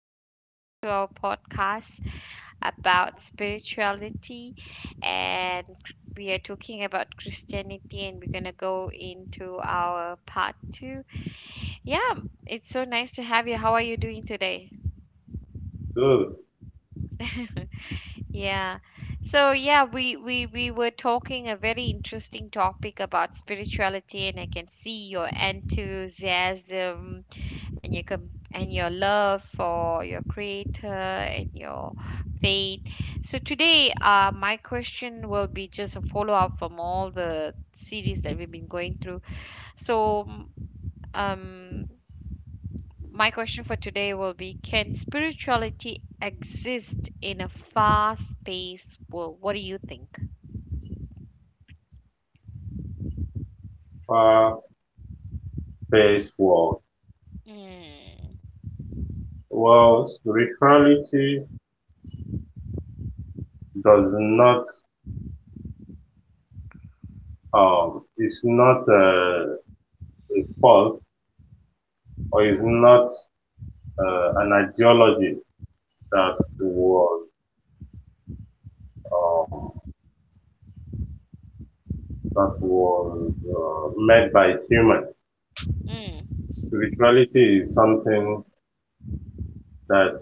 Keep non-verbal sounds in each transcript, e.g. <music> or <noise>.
for coming back to our podcast about spirituality. And we are talking about Christianity, and we're going to go into our part two. Yeah, it's so nice to have you. How are you doing today? Those <laughs> Yeah. So we were talking a very interesting topic about spirituality, and I can see your enthusiasm and your love for your creator and your faith. So today, my question will be just a follow up from all the series that we've been going through so um my question for today will be, can spirituality exist in a fast paced world? What do you think? far base world. mm, Well, spirituality does not is not a fault or is not an ideology that was um that was made by human. mm, Spirituality is something that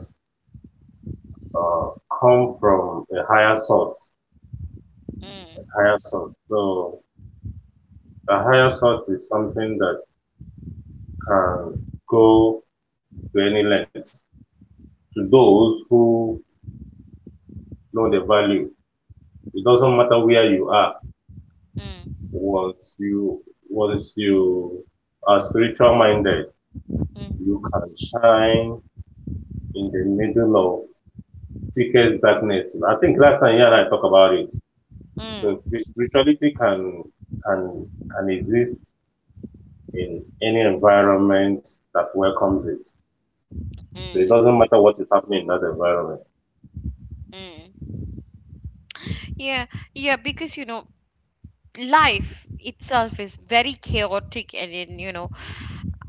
uh, come from a higher source. mm, Higher source. So a higher source is something that can go to any length to those who know the value. It doesn't matter where you are. mm, Once you, once you are spiritual minded, mm, you can shine in the middle of thickest darkness. I think last time you and I talked about it. So mm, spirituality can, can exist in any environment that welcomes it. So it mm, doesn't matter what is happening in that environment. mm. Yeah, yeah, because life itself is very chaotic, and then you know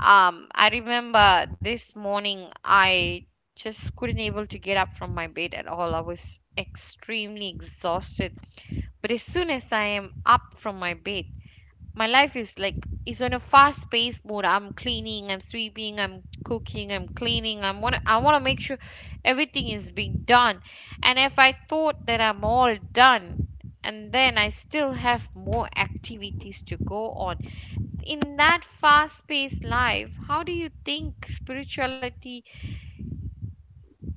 um I remember this morning I just couldn't able to get up from my bed at all. I was extremely exhausted, but as soon as I am up from my bed, my life is like it's on a fast paced mode. I'm cleaning, I'm sweeping, I'm cooking, I'm cleaning, I want to make sure everything is being done. And if I thought that I'm all done, and then I still have more activities to go on in that fast paced life, how do you think spirituality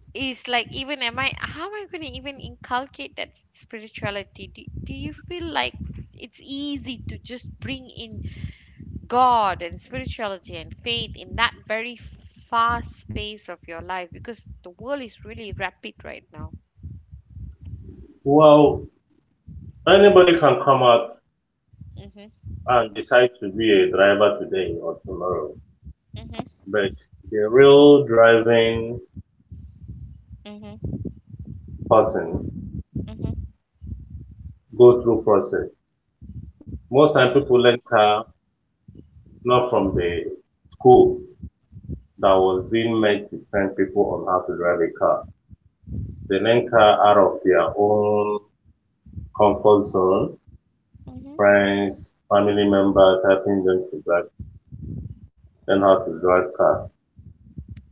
is like? Even am I how am I going to even inculcate that spirituality? Do you feel like it's easy to just bring in God and spirituality and faith in that very fast space of your life, because the world is really rapid right now? Well, anybody can come out Mhm, and decide to be a driver today or tomorrow, mhm, but the real driving mhm, person mhm, go through process. Most time mm, people learn car not from the school that was being made to train people on how to drive a car. They learn car out of their own comfort zone, mhm, mhm, friends, family members helping them to drive, learn how to drive car.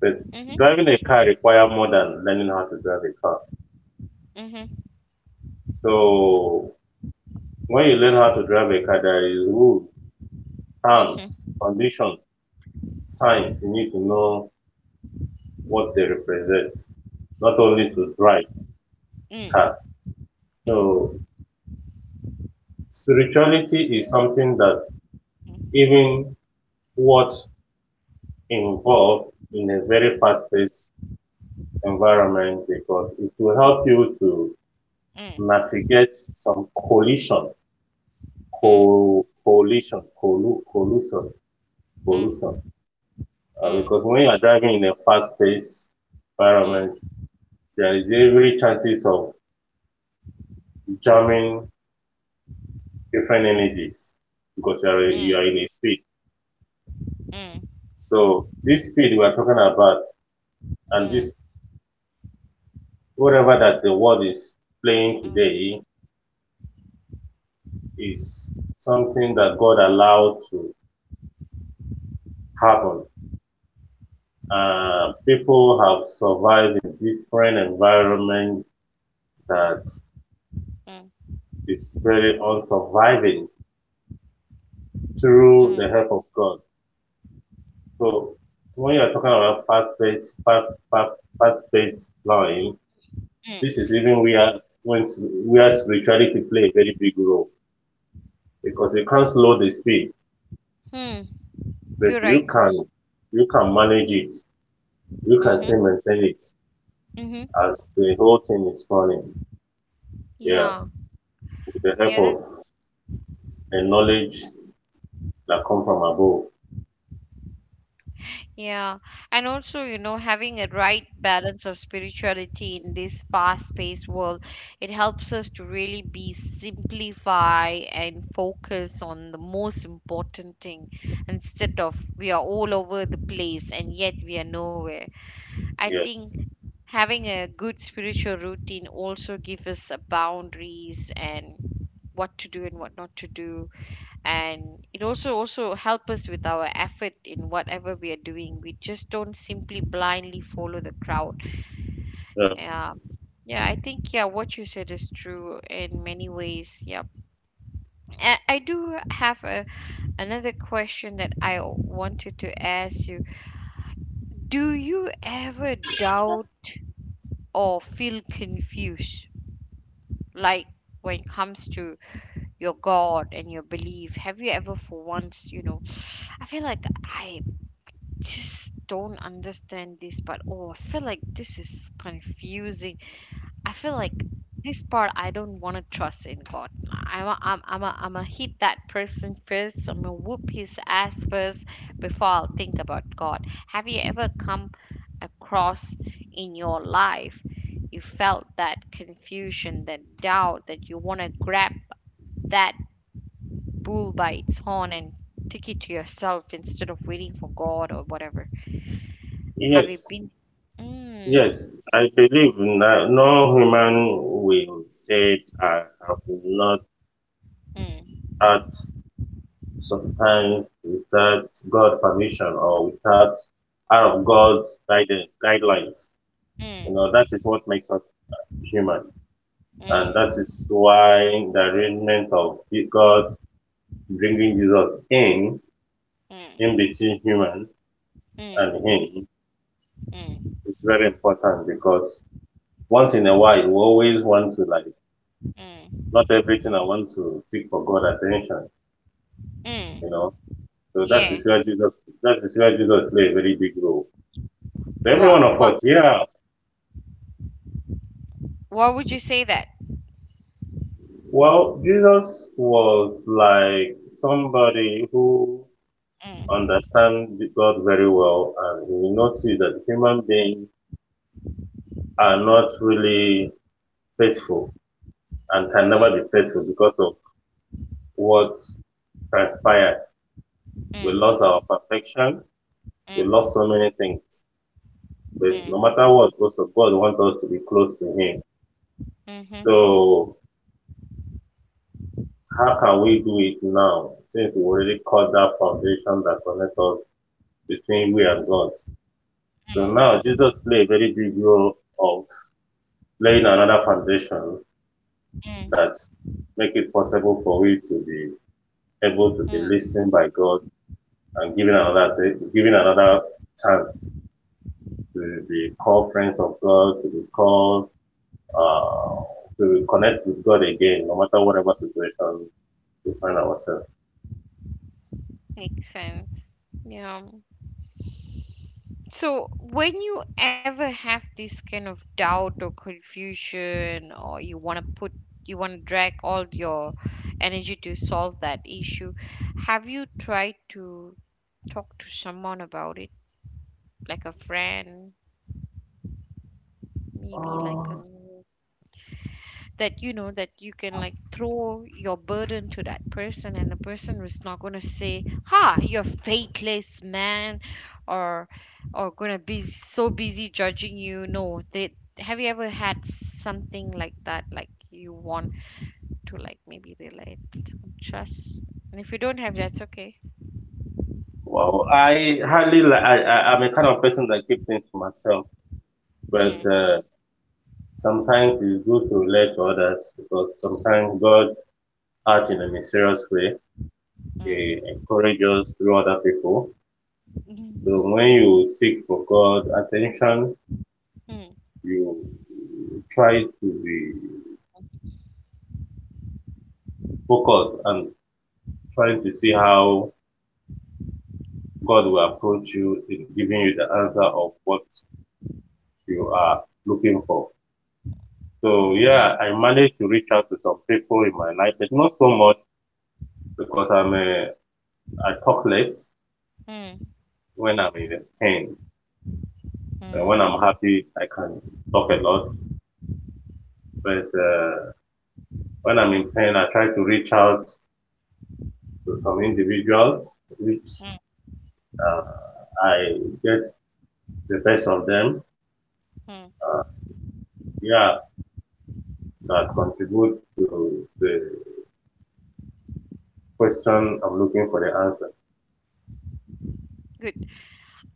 But mhm, driving a car require more than learning how to drive a car. mhm, So when you learn how to drive a car, there is rules, terms, mm, conditions signs you need to know what they represent, not only to drive cars. mm, mm, So spirituality is something that even what involved in a very mm, fast-paced environment because it will help you to mm, navigate some collision, collision, collusion, mm, collusion. mm, Because when you are driving in a fast-paced mm, mm, mm, mm, environment, there is every chances of jamming different energies because you mm, are, mm, mm, you are in a speed. So this speed we are talking about and this whatever that the world is playing today is something that God allowed to happen. People have survived in different environments that is very on surviving mm, mm, through mm. the help of God. So when you are talking about fast, fast-paced flying, this is even where when s- where spirituality play a very big role because you can't slow the speed, Hmm, You're but right. You can manage it. You can Mm-hmm. still maintain it Mm-hmm. as the whole thing is running. Yeah, Yeah. with the help Yeah. of the knowledge that come from above. Yeah, and also, you know, having a right balance of spirituality in this fast-paced world, it helps us to really be simplify and focus on the most important thing, instead of we are all over the place and yet we are nowhere. I think Yes. having a good spiritual routine also gives us a boundaries and what to do and what not to do, and it also help us with our effort in whatever we are doing. We just don't simply blindly follow the crowd. Yeah. Yeah, yeah, I think, yeah, what you said is true in many ways. Yep. I do have a, another question that I wanted to ask you. Do you ever doubt or feel confused, like when it comes to your god and your belief? Have you ever, for once, you know, I feel like I just don't understand this part. Oh, I feel like this is confusing. I feel like this part I don't want to trust in God. I'm a hit that person first. I'm gonna whoop his ass first before I'll think about God. Have you ever come across in your life you felt that confusion, that doubt, that you want to grab that bull by its horn and take it to yourself instead of waiting for God or whatever? Have you Yes. been? Mm, Yes. I believe no, no human will say I have not mm, had sometimes without God permission or without out of mm, God's guidance guidelines. You know, mm, that is what makes us human. And that mm, is why the arrangement of God bringing Jesus mm, in between human and mm, him mm, is very important because once in a while we always want to like, mm, not everything I want to seek for God attention, mm. you know. So that Yeah. is where Jesus, that is where Jesus play a very big role. So every one What of what us, yeah, what would you say that? well, Jesus was like somebody who Mm, understands God very well, and he noticed that human beings are not really faithful and can mm, never be faithful because of what transpired. We mm, lost our perfection. We lost mm, so many things. But mm, no matter what, because of God wants us to be close to Him. mhm, So how can we do it now since we already cut that foundation that connects us between we and God? So mm, now Jesus played a very big role of laying another foundation mm, that make it possible for we to be able to be mm. listened by God and given another chance to be called friends of God, to be called to connect with God again, no matter whatever situation we find ourselves. Makes sense. Yeah. So when you ever have this kind of doubt or confusion, or you want to put, you want to drag all your energy to solve that issue, have you tried to talk to someone about it, like a friend, maybe like a, that you know that you can like throw your burden to that person, and the person is not going to say, ha, you're faithless, man, or or going to be so busy judging you? No. They, have you ever had something like that? Like you want to like maybe relate, trust. And if you don't have, that's okay. Well, I hardly I'm a kind of person that keeps things to myself, but mm, sometimes it's good to relate to others because sometimes God art in a mysterious way. mm, He encourages through other people. So mm, when you seek for God attention, mm, you try to be focused and try to see how God will approach you in giving you the answer of what you are looking for. So mm, yeah, I managed to reach out to some people in my life, but not so much because I talk less mm, when I'm in pain. And when mm, I'm happy, I can talk a lot. But when I'm in pain, I try to reach out to some individuals, which mm, uh, I get the best of them. mm. Uh, yeah, that contribute to the question I'm looking for the answer. Good.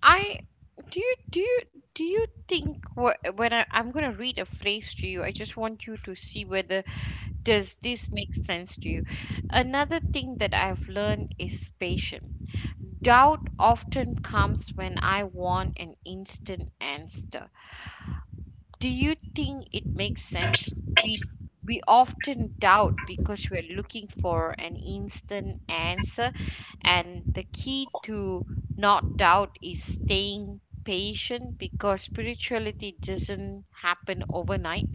I do you do you do you think when I'm gonna read a phrase to you. I just want you to see whether does this make sense to you. Another thing that I've learned is patience. Doubt often comes when I want an instant answer. Do you think it makes sense? We we often doubt because we're looking for an instant answer, and the key to not doubt is staying patient, because spirituality doesn't happen overnight.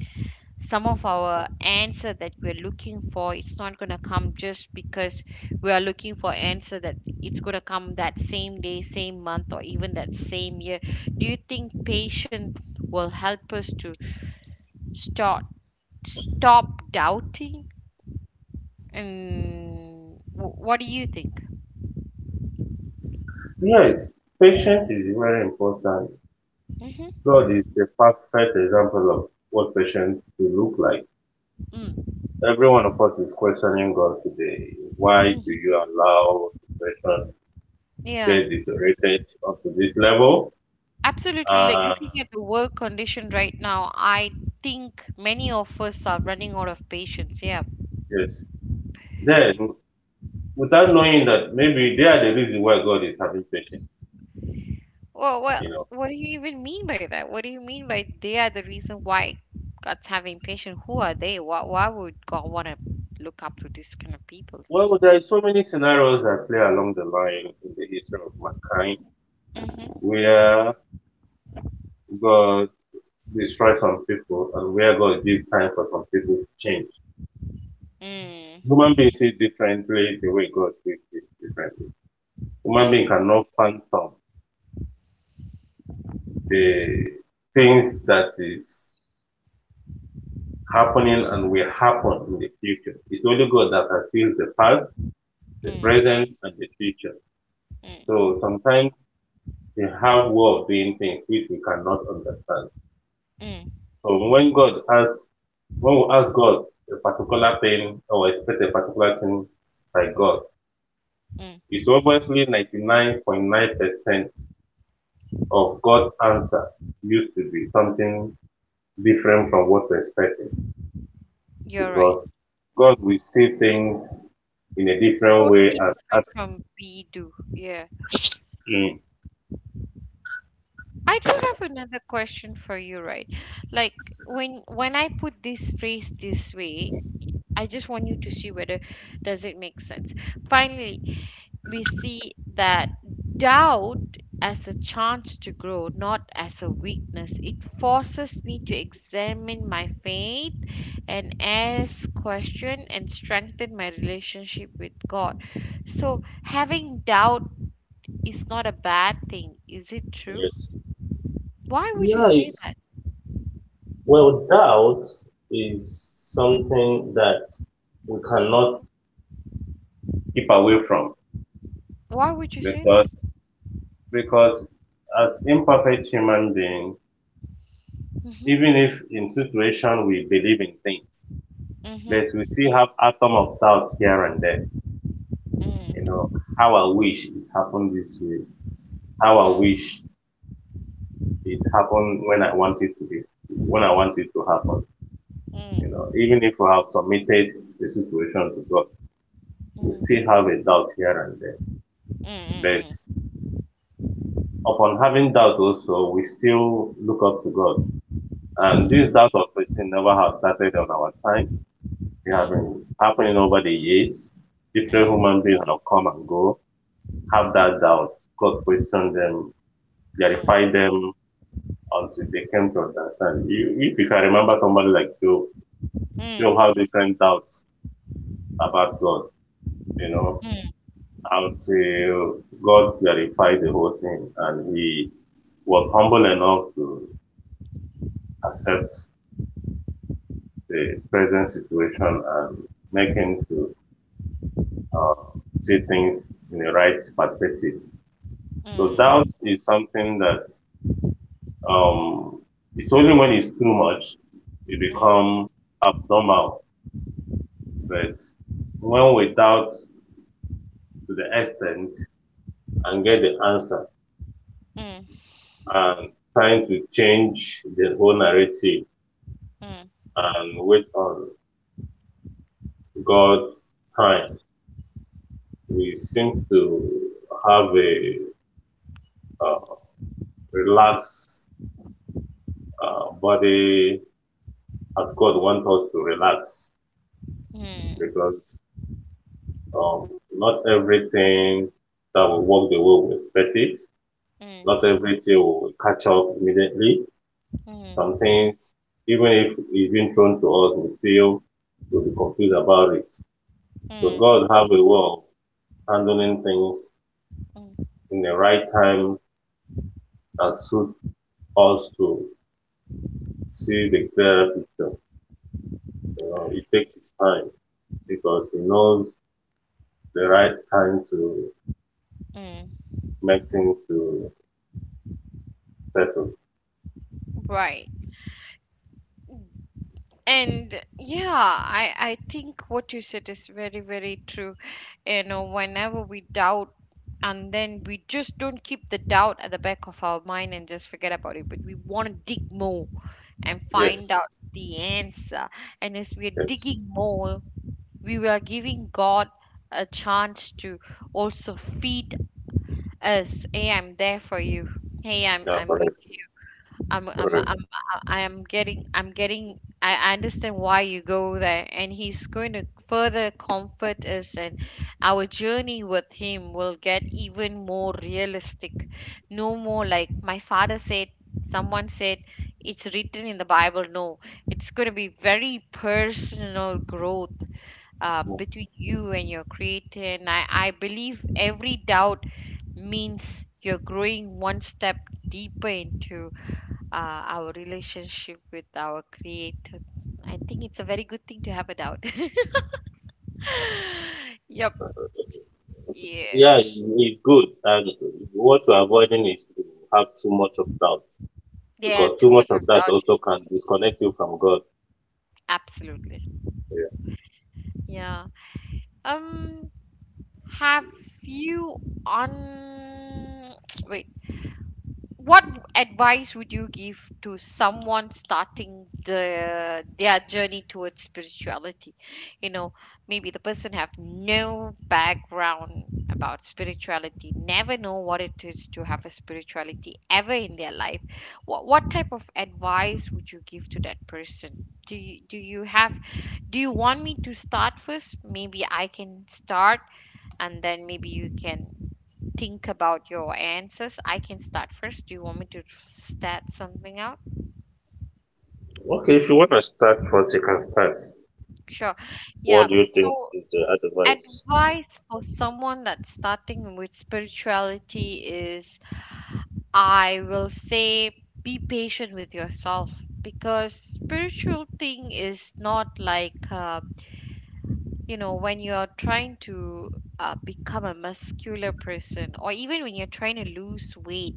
Some of our answer that we're looking for, it's not going to come just because we are looking for answer that it's going to come that same day, same month, or even that same year. Do you think patience will help us to start stop doubting? And what do you think? Yes, patience is very important. Mm-hmm. God is the perfect example of what patience should look like. Every one of us is questioning God today. Why do Mm-hmm. you allow the situation Yeah. get deteriorated up to this level? Absolutely. Like Uh, looking at the work condition right now, I think many of us are running out of patience. Yeah. yes. Then without knowing that maybe they are the reason why God is having patience, Well, you know. what do you even mean by that? What do you mean by they are the reason why God's having patience? Who are they? Why would God want to look up to this kind of people? Well, there are so many scenarios that play along the line in the history of mankind Mm-hmm. where God destroys some people and where God gives time for some people to change. Mm, Human beings see differently the way God sees things differently. Human being mm, cannot fathom the things that is happening and will happen in the future. It's only God that can see the past, the mm, present, and the future. So mm, sometimes they have way of doing things which we cannot understand. mm, So when God asks, when we ask God a particular thing or expect a particular thing by God, mm. it's obviously 99.9% of God's answer used to be something different from what we're expecting You're right. because God will see things in a different way Totally and different act from we do. Yeah. in. I do have another question for you, right? Like when I put this phrase this way, I just want you to see whether does it make sense. Finally, we see that doubt as a chance to grow, not as a weakness. It forces me to examine my faith and ask question and strengthen my relationship with God. So having doubt is not a bad thing. Is it true? Yes. Why would you Yeah, say it's, that? well, doubt is something that we cannot keep away from Why would you say because that? because as imperfect human being, Mm-hmm. even if in situation we believe in things, Mm-hmm. but we still have atom of doubts here and there. You Mm. know, how I wish it happened this way. How I Mm. wish it happened when I want it to happen. You know, Mm. even if we have submitted the situation to God, we Mm. still have a doubt here and there. Mm. Mm. Mm. Mm. Mm. Mm. Mm. But Mm. Mm. Mm. upon having doubt also, we still look up to God. And this doubt of creating never has started on our time. It has been happening over the years. Different Mm. human beings have come and go, have that doubt. God questioned them, Mm. clarified them until they came to understand. You, if you can remember somebody like Job, Job had different doubts about God, you know, Mm. until God clarified the whole thing and he was humble enough to accept the present situation and make him to uh, see things in the right perspective. So doubt is something that um, it's only when it's too much it become abnormal. But when we doubt to the extent and get the answer and trying to change the whole narrative and wait on God's time, we seem to have a uh, relaxed body as God wants us to relax because Um, not everything that will work the way we expect it. Not everything will catch up immediately. Mm. Some things, even if it's been thrown to us, we still will be confused about it. So Mm. God have a way of handling things in the right time that suit us to see the clearer picture. You know, it takes its time because He knows the right time to Mm. make things to settle. Right. And yeah, I think what you said is very, very true. You know, whenever we doubt, and then we just don't keep the doubt at the back of our mind and just forget about it, but we want to dig more and find Yes, out the answer. And as we are yes, digging more, we are giving God a chance to also feed us. Hey, I'm there for you. Hey, I'm yeah, I'm with correct, correct. I am getting, I'm getting I understand why you go there, and he's going to further comfort us, and our journey with him will get even more realistic. No more like my father said, someone said, it's written in the Bible. No, it's going to be very personal growth, between you and your creator. And I believe every doubt means you're growing one step deeper into our relationship with our creator. I think it's a very good thing to have a doubt. <laughs> Yep. Yeah. Yeah, it's good. And what you're avoiding is to have too much of doubt Yeah, because too too much much of of that doubt also can is disconnect you from God. absolutely. Yeah. Um, have you on <tsk> wait, what advice would you give to someone starting their journey towards spirituality? You know, maybe the person have no background about spirituality, never know what it is to have a spirituality ever in their life. What type of advice would you give to that person? Do you have do you want me to start first? Maybe I can start, and then maybe you can think about your answers. I can start first. Do you want me to start something out? Yeah. Okay, if you want to start first, you can start. Sure. Yeah. What do you think So, is the advice? advice for someone that's starting with spirituality is I will say, be patient with yourself, because spiritual thing is not like, you know, when you're trying to, become a muscular person, or even when you're trying to lose weight.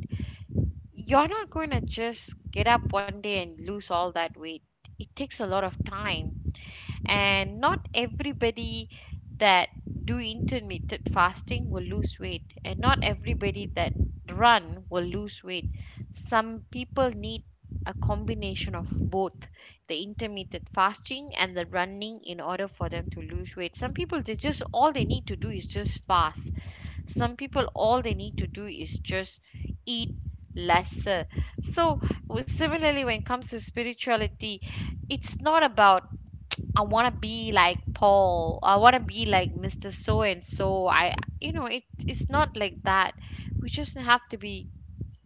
You're not going to just get up one day and lose all that weight. It takes a lot of time, and not everybody that do intermittent fasting will lose weight, and not everybody that run will lose weight. Some people need a combination of both the intermittent fasting and the running in order for them to lose weight. Some people, they just, all they need to do is just fast. Some people, all they need to do is just eat lesser. So similarly, when it comes to spirituality, it's not about, I want to be like Paul, I want to be like Mr. So and So, I you know, it's not like that. We just have to be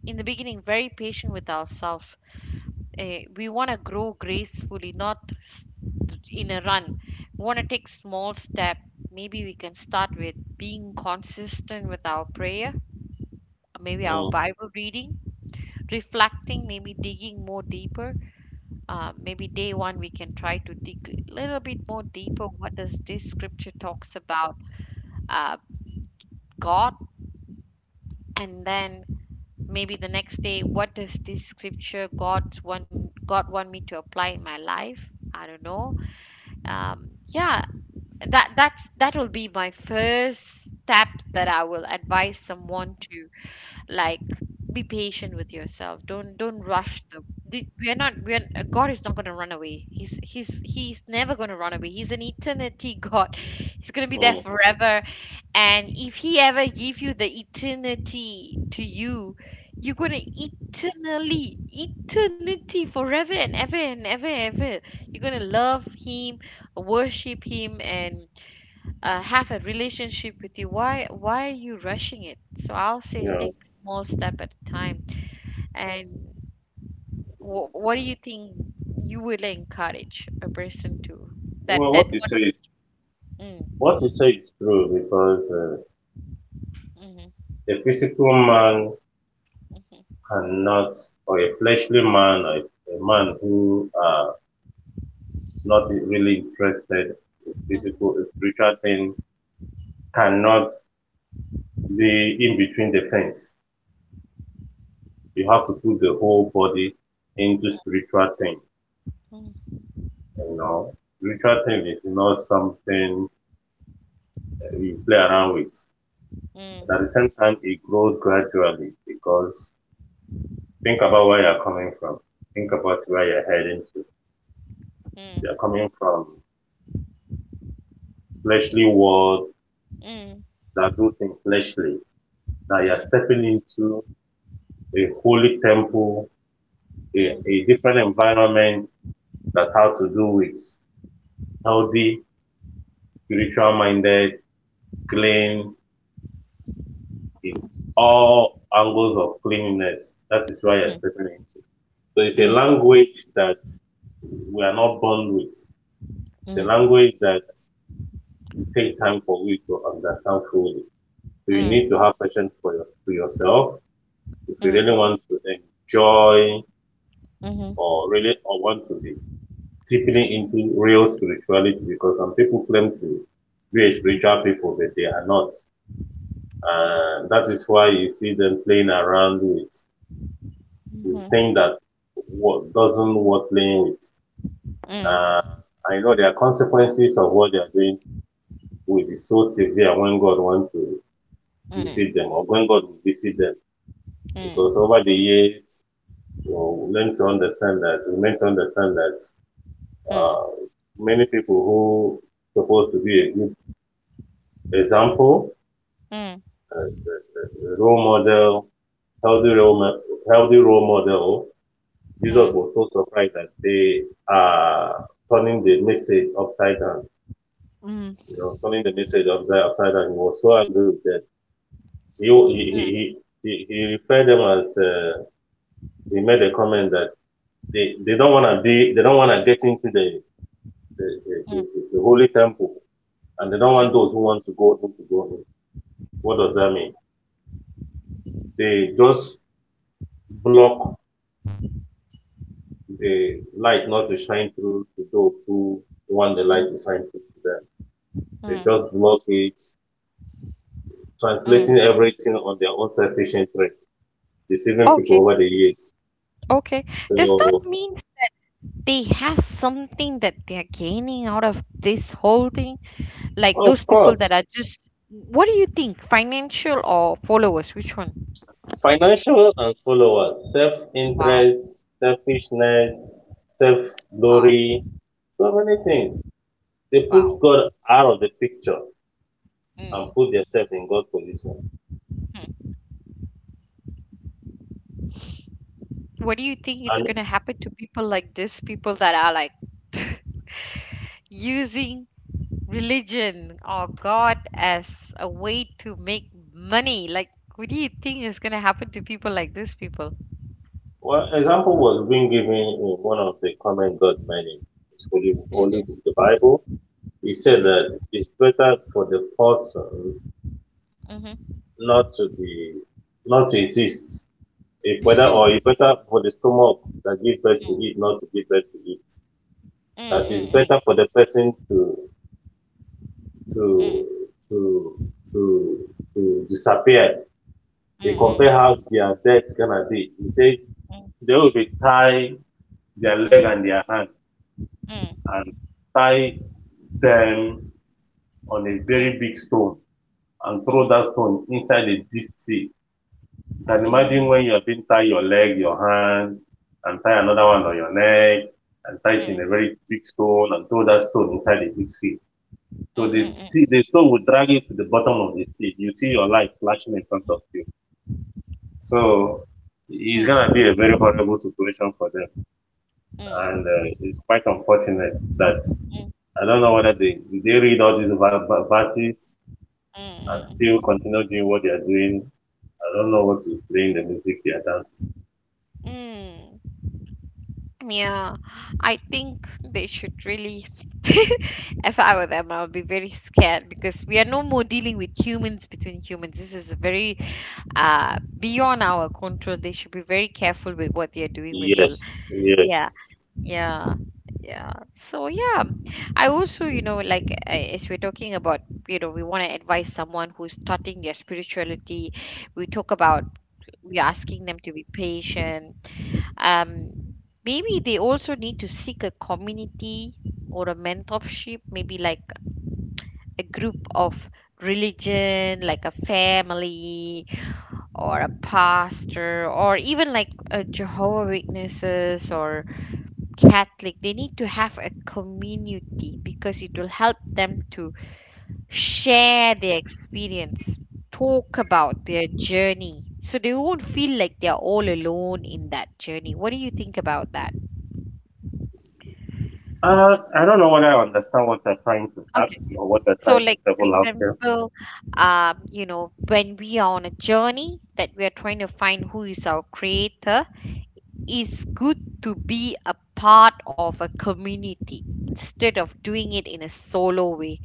in the beginning very patient with ourselves. We want to grow gracefully, not in a run. We want to take small step. Maybe we can start with being consistent with our prayer, maybe our Mm, Bible reading, reflecting, maybe digging more deeper. Maybe day one we can try to dig a little bit more deeper. What does this scripture talks about, uh, God? And then maybe the next day, what does this scripture God one God want me to apply in my life? I don't know. Um, yeah, that will be my first step that I will advise someone to, like be patient with yourself. Don't rush we're not we're God is not going to run away. He's never going to run away. He's an eternity god <laughs> he's going to be there mm, forever. And if he ever give you the eternity to you, you're going to eternally eternity forever and ever and ever and ever. You're going to love him, worship him, and have a relationship with you. Why are you rushing it? So I'll say yeah. take small step at a time. And wh- what do you think you will encourage a person to, Well, that that want to? mm, what you say is true because Hmm. a physical man cannot, or a fleshly man, or a man who are not really interested in physical spiritual thing cannot the in between the fence. You have to put the whole body into spiritual thing. You know, spiritual thing is not something you play around with. Hmm. mm, But at mm, the mm, same time, it grows gradually because think about where you're coming from. Think about where you're heading to. You're coming from fleshly world that do things fleshly. Now mm, you're mm, stepping into a holy temple, mm, a different environment that has to do with healthy, spiritual minded clean in all angles of cleanliness. That is why you're stepping into. So it's a mm, mm, mm, language that we are not born with. The language that it takes time for you to understand fully. So you need to have patience for, your, for yourself if you really want to enjoy or really or want to be deeply into real spirituality because some people claim to be a spiritual people but they are not. And that is why you see them playing around with the mm, thing that what doesn't worth playing with. mm, mhm, mhm, Uh, I know there are consequences of what they are doing will be so severe when God wants to mm, mm, mm, mm, mm, visit them or when God will visit them. mm, Because over the years, well, we learn to understand that, we learn to understand that mm, uh, many people who are supposed to be a good example, a role model, healthy role, healthy role model, Jesus was so surprised that they are turning the message upside down. You know, coming the message of the outsider, he was so angry with them. He he he referred them as he made a comment that they don't want to get into the the holy temple, and they don't want mm, those who want to go in to go in. What does that mean? They just block the light not to shine through to those who want the mm, light to shine through to them. They mm, just block it, mm. translating everything on their own selfish interest, deceiving people Okay. over the years. Okay. Does that So. mean they have something that they're gaining out of this whole thing? Like those Of people that course, are just, what do you think? Financial or followers? Which one? financial and followers, Wow, self-interest, selfishness, wow, self-glory, so many things. They put wow. God out of the picture and Mm. put themselves in God's position. Hmm. What do you think it's And going to happen to people like this? People that are like <laughs> using religion or God as a way to make money. Like, what do you think is going to happen to people like these people? one example was being given in one of the comment God made in His holy, holy book, the Bible. He said Mm-hmm, that it's better for the person not to be, not to exist. If whether or it's better for the stomach that give birth to it, not to give birth to it, that it's mm-hmm. better <laughs> for the person to Mm, to to to disappear. They compare mm, how their death gonna be. He says mm, they will be tie their leg mm, and their hand, mm, mm, and tie them on a mm, very mm, big stone, and throw that stone inside the deep sea. You can imagine mhm, when you have been tie your leg, your hand, and tie another one on your neck, and tie mm, it in a mm, very big stone and throw that stone inside the big sea. mm, So the sea, mm, the stone will drag you to the bottom of the sea. You see your life flashing in front of you. So it's gonna be a very horrible situation for them, and mm, it's quite unfortunate that mm, I don't know whether they read all these verses mm, and mm, still continue doing what they are doing. I don't know what is playing the music they are dancing. mm. Yeah, I think they should really. <laughs> If I were them, I would be very scared, because we are no more dealing with humans between humans. This is very beyond our control. They should be very careful with what they are doing with their. Yes, Yeah. yes. Yeah, yeah. So yeah, I also, as we're talking about, you know, we want to advise someone who's starting their spirituality. We talk about, we're asking them to be patient. Um, Maybe they also need to seek a community or a mentorship, maybe like a group of religion, like a family or a pastor, or even like a Jehovah Witnesses or Catholic. They need to have a community because it will help them to share their experience, talk about their journey. So they won't feel like they're all alone in that journey. What do you think about that? I don't know whether I understand what they're trying to Okay. ask or what they're So, trying to like, for table out here. example, you know, when we are on a journey that we are trying to find who is our creator, it's good to be a part of a community instead of doing it in a solo way,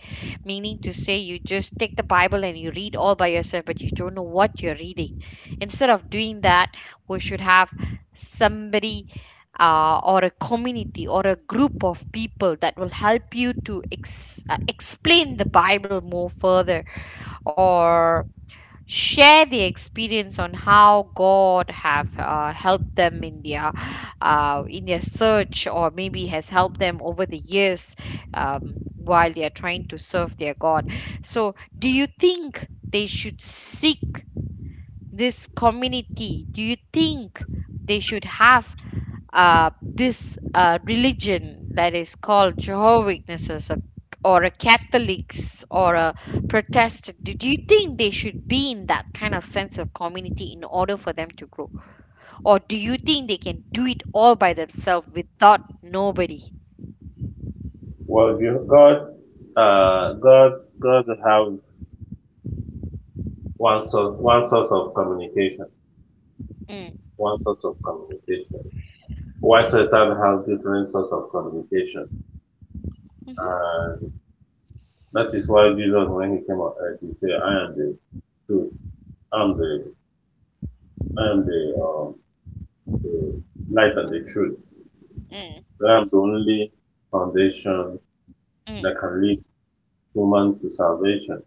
meaning to say you just take the bible and you read all by yourself but you don't know what you're reading. Instead of doing that, we should have somebody, or a community or a group of people that will help you to explain the bible more further, or share the experience on how God have helped them in their search, or maybe has helped them over the years, while they are trying to serve their God. So do you think they should seek this community? Do you think they should have, this religion that is called Jehovah Witnesses, or a Catholics or a Protestant? Do you think they should be in that kind of sense of community in order for them to grow? Or do you think they can do it all by themselves without nobody? Well, uh, God, God have one source, one source of communication. Mm. One source of communication. Why Satan has different source of communication, Mm-hmm. and that is why Jesus, when he came on earth, he said, "I am the truth. I am the, I am the light and the Mm, truth. mm, I am the only foundation mm, mm, that can lead human to salvation."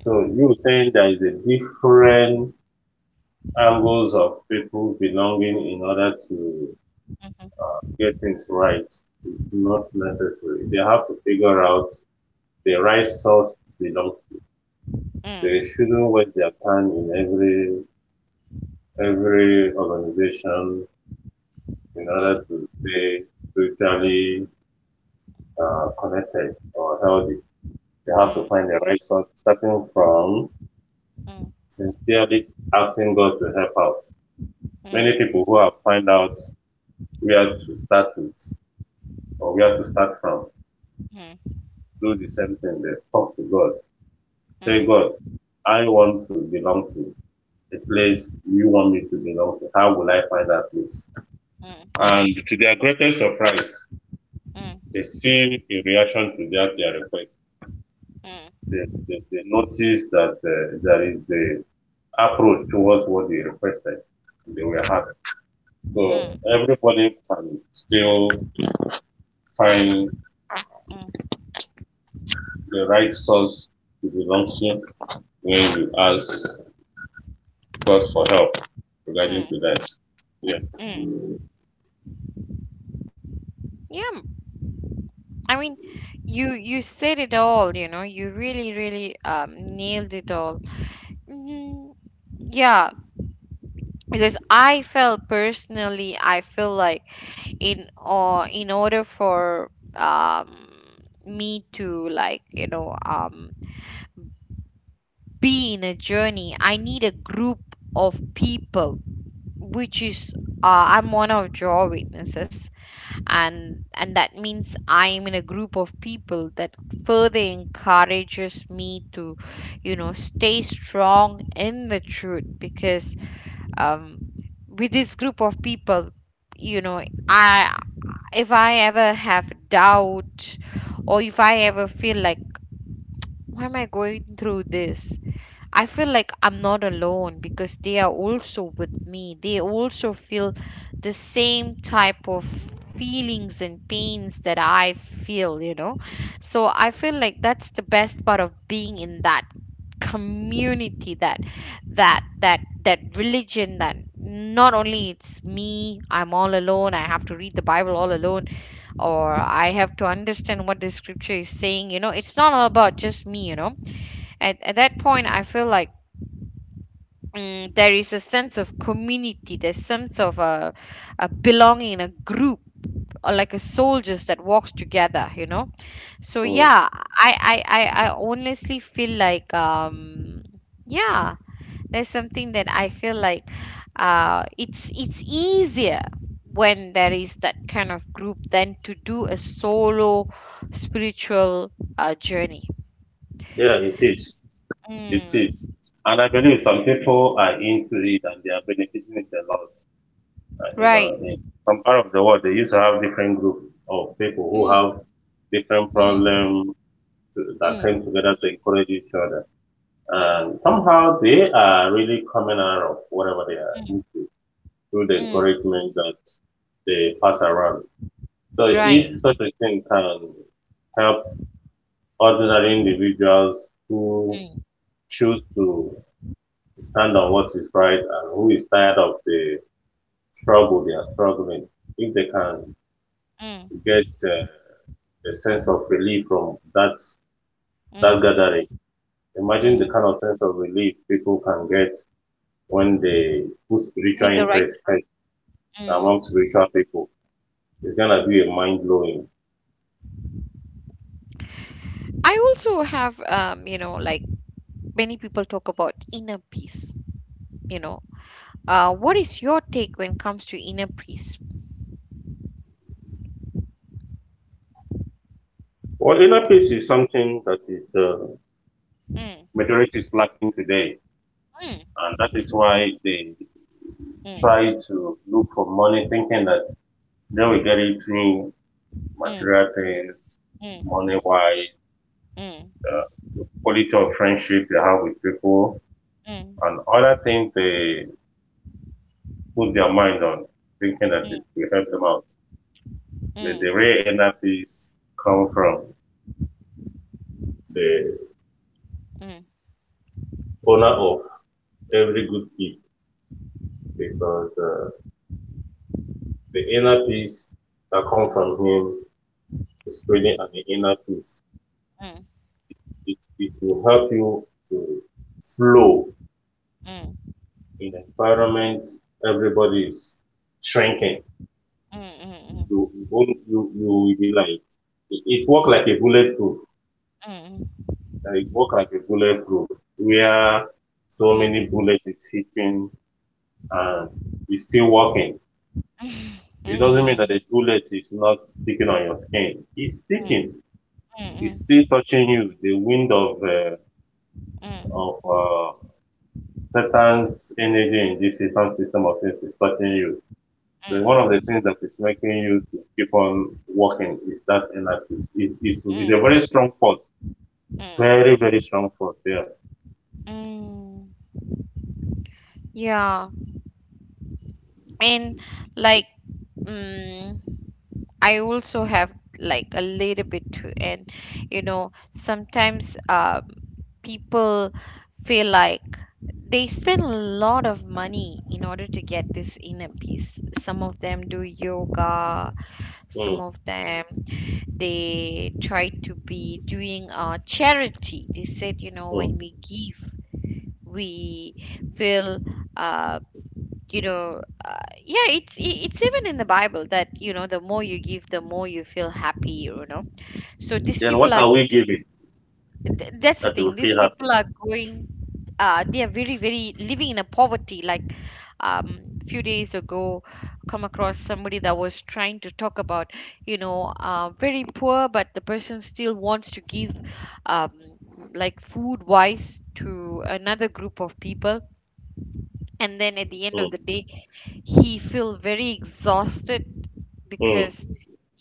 So you were saying there is a different angles of people belonging in order to mm, get things right. It's not necessary. They have to figure out the right source belongs to. mm, They shouldn't waste their time in every organization in order mm, to stay spiritually connected or healthy. They have to find the right source, starting from mm, mm, sincerely asking God to help out. Many people who have find out where to start with or where to start from mm, mm, do the same thing. They talk to God. Say, mm, God, I want to belong to the place you want me to belong to. How will I find that place? mm, And to their greatest surprise, mm. they seen in reaction to that their request. Mm, They noticed that there is the approach towards what they requested. They were happy. So mm, everybody can still find mm, the right source to belong to when you ask God for help regarding mm, to that. Yeah. mm. Yeah, I mean, you said it all, you know, you really, really nailed it all. Mm, yeah, because I felt personally, I feel like in, or in order for me to, like, be in a journey, I need a group of people, which is, I'm one of your witnesses, and that means I am in a group of people that further encourages me to, you know, stay strong in the truth, because um with this group of people, you know, I if I ever have doubt, or if I ever feel like why am I going through this, I feel like I'm not alone because they are also with me. They also feel the same type of feelings and pains that I feel, you know. So I feel like that's the best part of being in that community, that religion, that not only it's me, I'm all alone, I have to read the bible all alone, or I have to understand what the scripture is saying. You know, it's not all about just me, you know. At that point I feel like, there is a sense of community, there's sense of a belonging in a group, or like a soldiers that walks together, you know. So Mm. yeah, I honestly feel like yeah, there's something that I feel like, it's easier when there is that kind of group than to do a solo spiritual journey. Yeah, it is. It is. Mm, And I believe some people are into it and they are benefiting it a lot. And, you right. know, in some part of the world, they used to have different groups of people Mm, who have different mm, problems to, that mm, came together to encourage each other. And somehow they are really coming out of whatever they are mm, into through the mm. encouragement that they pass around. So Right. if such a thing can help ordinary individuals who Mm, choose to stand on what is right and who is tired of the struggle they are struggling. If they can mm, get a sense of relief from that mm, gathering, imagine the mm. kind of sense of relief people can get when they put spiritual Me the right. interest first Mm, among spiritual people. It's gonna mm. be a mind blowing. I also have, you know, like, many people talk about inner peace. You know, what is your take when it comes to inner peace? Well, inner peace is something that is Mm, majority is lacking today, mm, and that is why they mm, try to look for money, thinking that they will get it through mm, material things, mm, money wise, mm, uh, quality of friendship you have with people, mm, and other things they put their mind on, thinking that it will help them out. mm, The, mm, the real energies come from the mm, mm, owner of every good gift because the inner peace that comes from him is really an inner peace. It will help you to flow mm, in an environment everybody is shrinking. mm, mm, mm, mm, mm, mm, mm, mm, mm, mm, mm, You own you you will be like it work like a bulletproof. It work like a bulletproof where so many bullets is hitting and it's still working. It doesn't mean that the bullet is not sticking on your skin. It's sticking. It's still touching you. The wind of of uh, Satan's energy in this Satan system of things is touching you. So one of the mm, things that is making you to keep on working is that energy. It's a mm, very strong force. mm. Very, very strong force, yeah. mm. Yeah. and like mm I also have like a little bit too. And you know, sometimes, people feel like they spend a lot of money in order to get this inner peace. Some of them do yoga, some Mm, of them they try to be doing, charity. They said, you know, when mm. we give, we feel, uh, you know uh, yeah, it's even in the bible that, you know, the more you give the more you feel happy, you know. So these Then what people are, are we giving that's the that you will thing, these feel happy? people are going, they are very very living in a poverty. Like, um few days ago come across somebody that was trying to talk about, you know, very poor but the person still wants to give, um like food wise to another group of people, and then at the end Mm, of the day he feel very exhausted, mm, because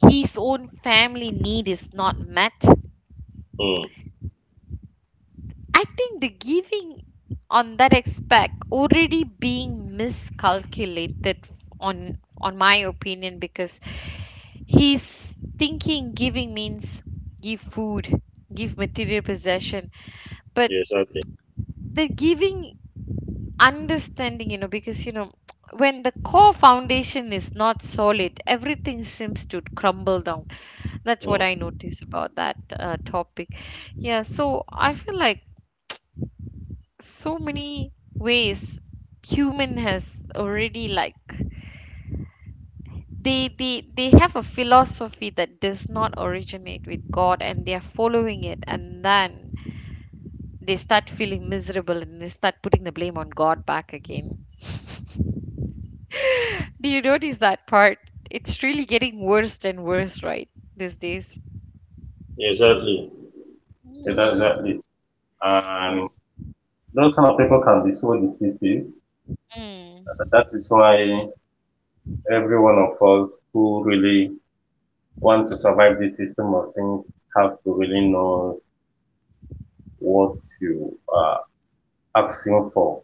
his own family need is not met. mm. I think the giving on that aspect already being miscalculated, on my opinion, because he's thinking giving means give food, give material possession. But Exactly. the giving understanding, you know, because you know <tsk> when the core foundation is not solid everything seems to crumble down. That's what Mm, I notice about that topic. Yeah, so I feel like so many ways human has already, like, they have a philosophy that does not originate with god, and they are following it, and then they start feeling miserable and they start putting the blame on god back again. Do you notice that part? It's really getting worse and worse, right? These days. exactly. Exactly. Mm, Exactly. yeah. And those kind of people can be so decisive. Mm, That is why every one of us who really want to survive this system of things have to really know what you are asking for,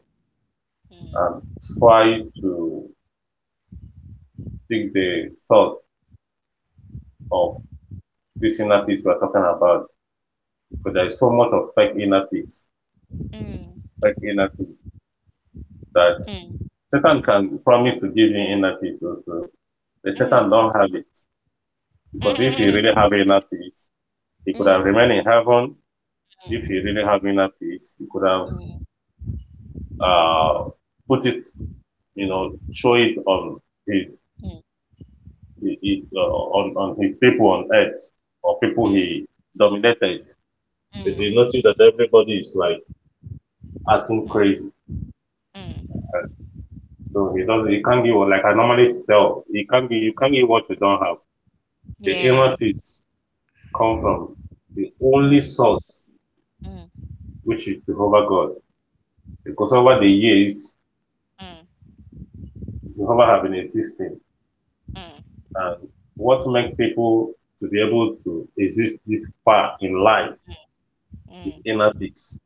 and mm, try to seek the source of this inner peace we're talking about. But there is so much of mm, mm, fake inner peace mm, that mm, Satan can promise to give you inner peace also. But Satan mm, don't have it. mm, Because if he really mm, have inner peace, he could have remained mm, in heaven. If he really have inner peace, he could have uh, put it, you know, show it on his, on his people on earth, or people mm, he dominated. But he mm, noticed that everybody is like acting mm, crazy. mm. So he doesn't, you can't give what, like I normally tell, you can't give what you don't have. The Yeah. inner peace comes from the only Mm, source, mm, which is Jehovah God. Because over the years, mm, Jehovah have been existing. mm, mm, And what makes people to be able to exist this far in life mm, mm, is inner peace.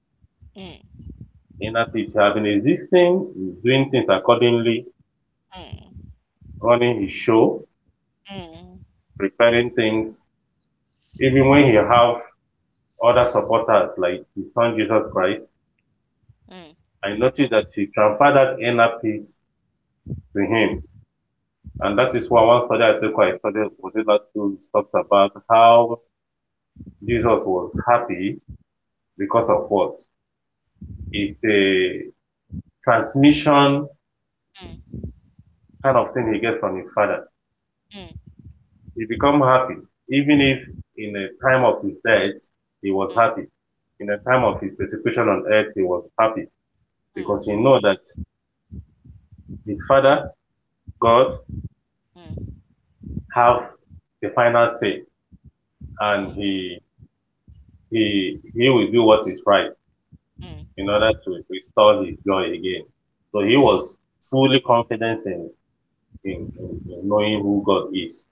mm, mm, Inner peace have been existing, doing things accordingly, mm, running his show, mm, mm, mm, mm, preparing things, even when he have other supporters like his son Jesus Christ, mm, I noticed that he transferred that inner peace to him. And that is why one study I studied within that school talks about how Jesus was happy because of what? It's a transmission kind of thing he gets from his father. He become happy. Even if in a time of his death, he was happy. In the time of his persecution on earth, he was happy because he know that his father, God, have the final say and he will do what is right in mm, order to restore his joy again. So he mm, mm, was fully confident in knowing who God is,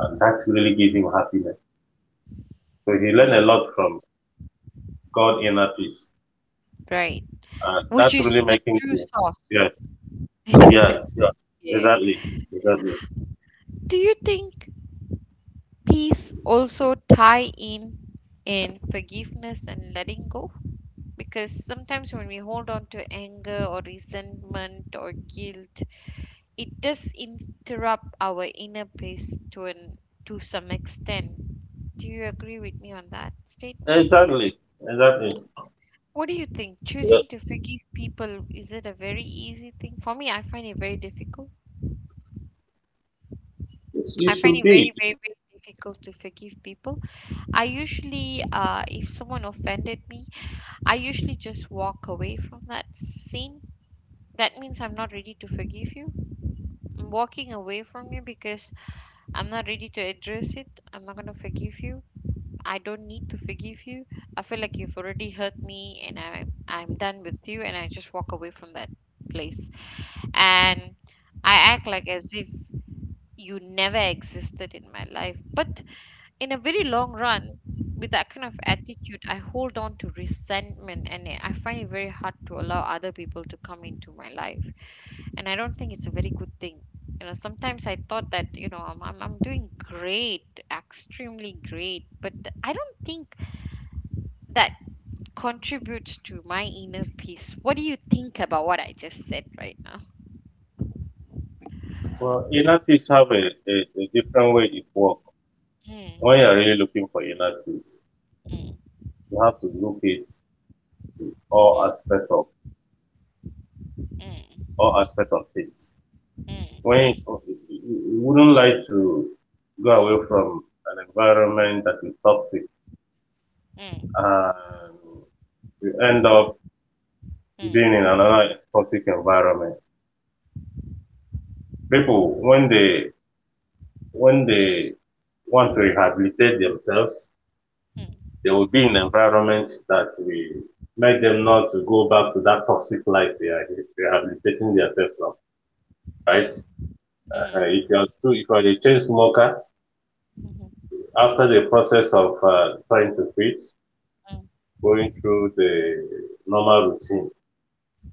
and that's really gave him happiness. So he learned a mm. lot from God inner peace, Right. and Which that's really is the making true to sauce. yeah. Yeah, <laughs> yeah. Yeah. Exactly. Exactly. Do you think peace also tie in forgiveness and letting go? Because sometimes when we hold on to anger or resentment or guilt, it does interrupt our inner peace to an, to some extent. Do you agree with me on that statement? Exactly. Exactly. What do you think? Yeah. Choosing to forgive people, is it a very easy thing? For me, I find it very difficult. It's, it I find should it very, be very, very difficult to forgive people. I usually, if someone offended me, I usually just walk away from that scene. That means I'm not ready to forgive you. I'm walking away from you because I'm not ready to address it. I'm not going to forgive you. I don't need to forgive you. I feel like you've already hurt me and I'm done with you, and I just walk away from that place. And I act like as if you never existed in my life. But in a very long run, with that kind of attitude I hold on to resentment, and I find it very hard to allow other people to come into my life. And I don't think it's a very good thing. You know, sometimes I thought that, you know, I'm doing great, extremely great. But I don't think that contributes to my inner peace. What do you think about what I just said right now? well inner peace have a different way it works when Mm, you're really looking for inner peace. mm, You have to look at mm, all mm, aspects of mm, all aspect of things. mm, mm, When you wouldn't like to go away from an environment that is toxic mm, and you end up being in another toxic environment. People when they want to rehabilitate themselves, they will be in environments that will make them not to go back to that toxic life they are rehabilitating themselves from. mm, Right? mm, If you are a chain smoker, mm, mm, after the process of trying to quit, mm, going through the normal routine.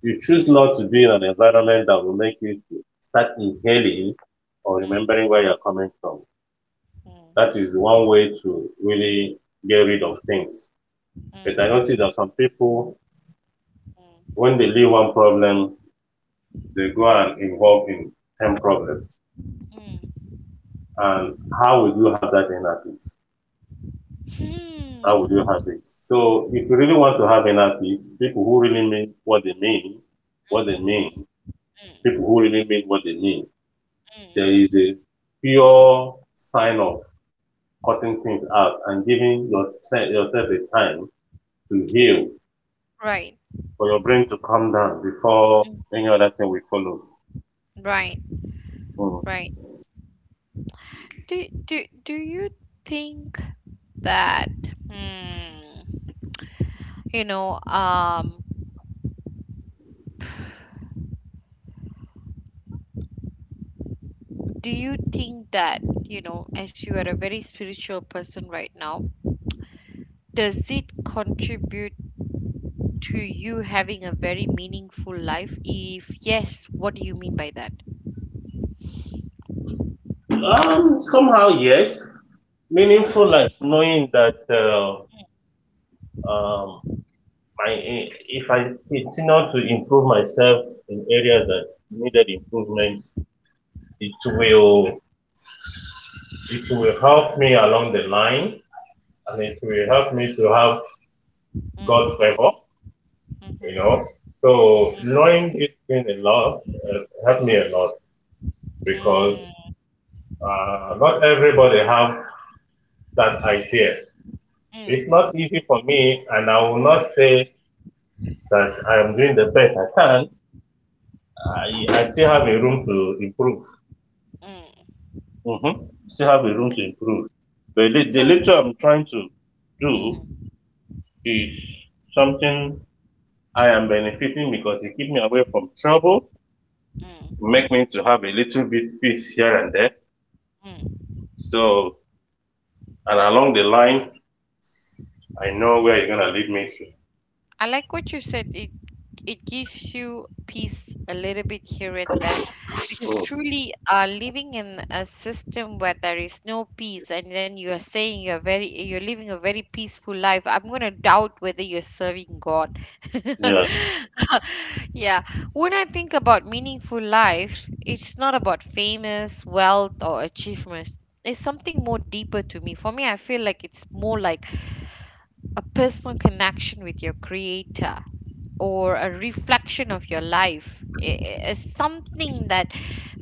You choose mm. not to be in an environment that will make you start inhaling or Mm, remembering where you're coming from. mm, That is one way to really get rid of things. But I mm, notice that some people, mm, when they leave one problem, they go and involve in 10 problems. mm. And how would you have that inner peace? Hmm. How would you have it? So if you really want to have inner peace, people who really mean what they mean, what they Mm, mean, people mm, who really mean what they mean, there mm. is a pure sign of cutting things out and giving yourself a time to heal Right. for your brain to calm down before Mm, any other thing will follow. right. Right. Do you think that hmm, you know um do you think that, you know, as you are a very spiritual person right now, does it contribute to you having a very meaningful life? If yes, what do you mean by that? Mm. Somehow, yes. Mm, Meaningful life, knowing that um, I, if I continue to improve myself in areas mm, that needed improvement, it will it will help me along the line, and it will help me to have God mm, favor, you mhm, know. So mm, knowing this means a lot, helped me a lot because mm, not everybody have that idea. It's mm. not easy for me, and I will not say that I am doing the best I can. I still have a room to improve. Mm. Still have a room to improve. But the So, little I'm trying to do mm, is something I am benefiting because it keep me away from trouble, mm, make me to have a little bit peace here and there. mm. So and along the line, I know where you're gonna lead me to. I like what you said. It gives you peace a little bit here and there, because Mm. truly, living in a system where there is no peace, and then you are saying you're living a very peaceful life, I'm gonna doubt whether you're serving God. <laughs> Yes. Yeah. When I think about meaningful life, it's not about famous, wealth, or achievements. It's something more deeper to me. For me, I feel like it's more like a personal connection with your creator or a reflection of your life is something that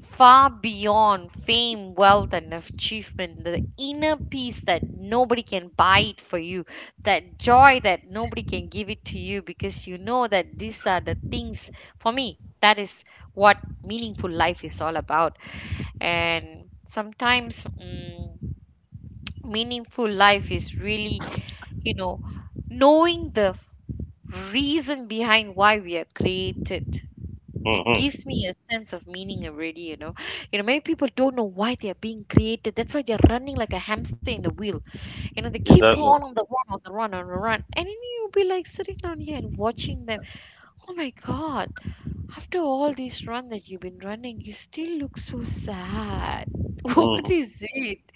far beyond fame, wealth and achievement. The inner peace that nobody can buy it for you, that joy that nobody can give it to you, because you know that these are the things, for me, that is what meaningful life is all about. And sometimes, meaningful life is really, you know knowing the reason behind why we are created, it Mm-hmm. gives me a sense of meaning already, you know. You know, many people don't know why they are being created, that's why they're running like a hamster in the wheel. You know, they keep Exactly. on, on the run, on the run, and then you'll be like sitting down here and watching them. Oh my God, after all this run that you've been running you still look so sad. <laughs> mm What hmm is it?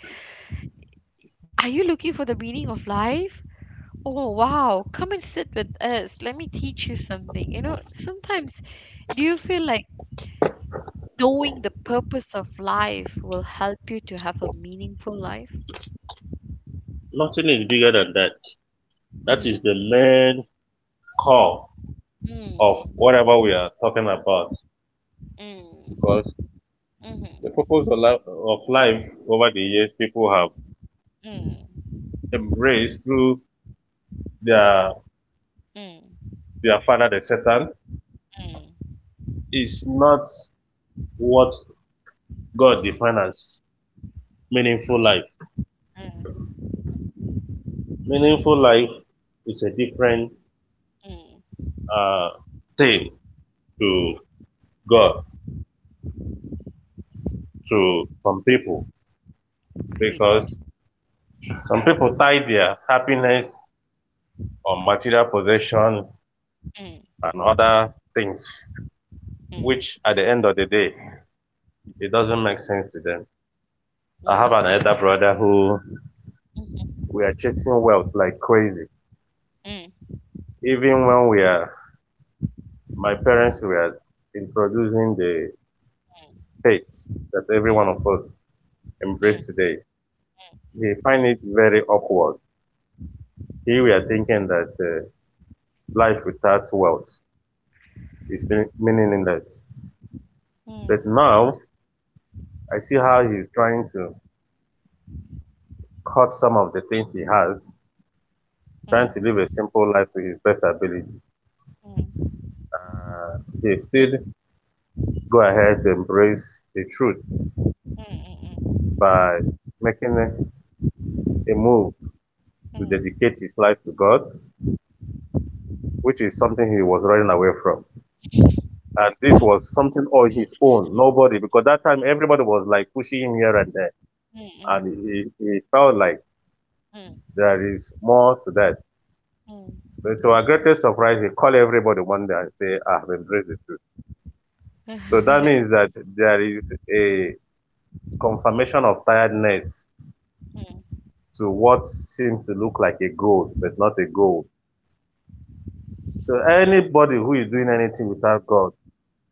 Are you looking for the meaning of life? Oh wow, come and sit with us, let me teach you something, you know. Sometimes, do you feel like knowing the purpose of life will help you to have a meaningful life? Nothing is bigger than that. That is Mm, the main core of mm, whatever we are talking about. mm, Because mhm, the purpose of life, over the years, people have mm, embraced through their mm, their father, the Satan, mm, is not what mm, God mm, defines as meaningful life. Meaningful life is a different mm. uh, thing to God. To some people, Right. because some people tie their happiness on material possession Mm, and other things, mm, which at the end of the day, it doesn't make sense to them. mm, I have an mhm, elder brother who mm, mm, mm, mm, we are chasing wealth like crazy. mm, Even when we are, my parents were introducing the faith that mm, mm, every mm, mm, one mm, mm, <laughs> of mm, us embrace today. We find it very awkward. Here we are thinking that life without wealth is meaningless. But now I see how he's trying to cut some of the things he has, trying to live a simple life to his best ability. He still go ahead to embrace the truth mm, mm, by making a move to mm, dedicate his life to God, which is something he was running away from. And this was something on his own, nobody, because that time everybody was like pushing him here and there. And he felt like there is more to that. But to our greatest surprise, he called everybody one day and say, I have embraced the truth. <laughs> mm, mm, So mm, mm, that mm, means that there is a confirmation of tiredness to what seems to look like a goal, but not a goal. So anybody who is doing anything without God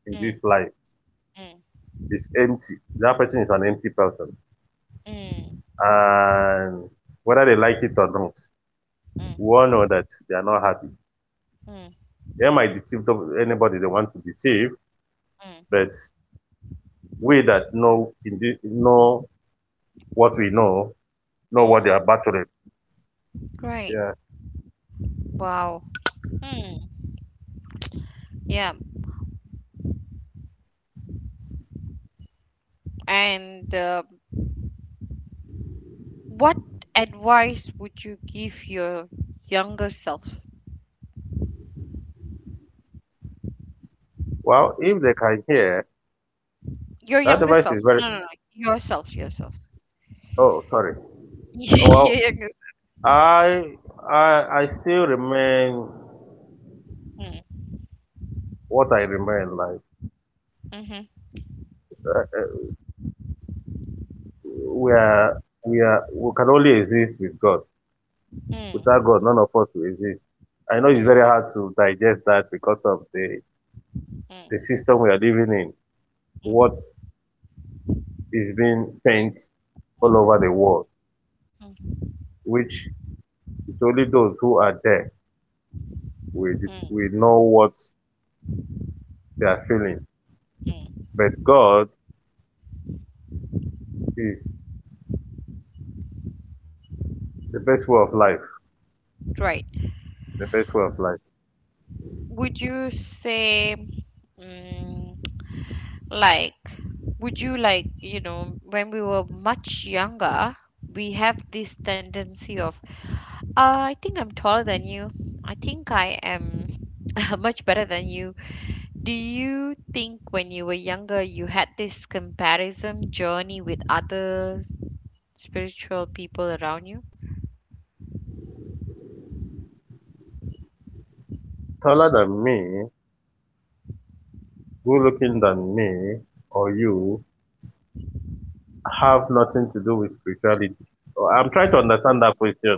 in this life is empty. That person is an empty person. And whether they like it or not, we all know that they are not happy. They might deceive the- anybody they want to deceive, mm, but we that know indeed know mm, what we mhm, know mm, what they are battling. right. Yeah. Wow. Mm. Yeah. And what advice would you give your younger self? Well, if they can hear, Your that younger device self. is very... No, no, no. Yourself, yourself. Oh, sorry. <laughs> Your Well, younger self. I I still remain Mm, what I remain. Like mm-hmm, uh, uh, we are we are we can only exist with God. mm, Without God, none of us will exist. I know mm, it's very mm, hard to digest that because of the mm, system we are living in. What is being painted all over the world, mm, mm, which it's only those who are there will mm, will know what they are feeling. mm. But God is the best way of life. Right. The best way of life. Would you say, mm, like, would you, like, you know, when we were much younger, we have this tendency of, I think I'm taller than you, I think I am <laughs> much better than you. Do you think when you were younger you had this comparison journey with other spiritual people around you? Taller than me, good looking than me, or you have nothing to do with spirituality? So I'm trying to understand that question.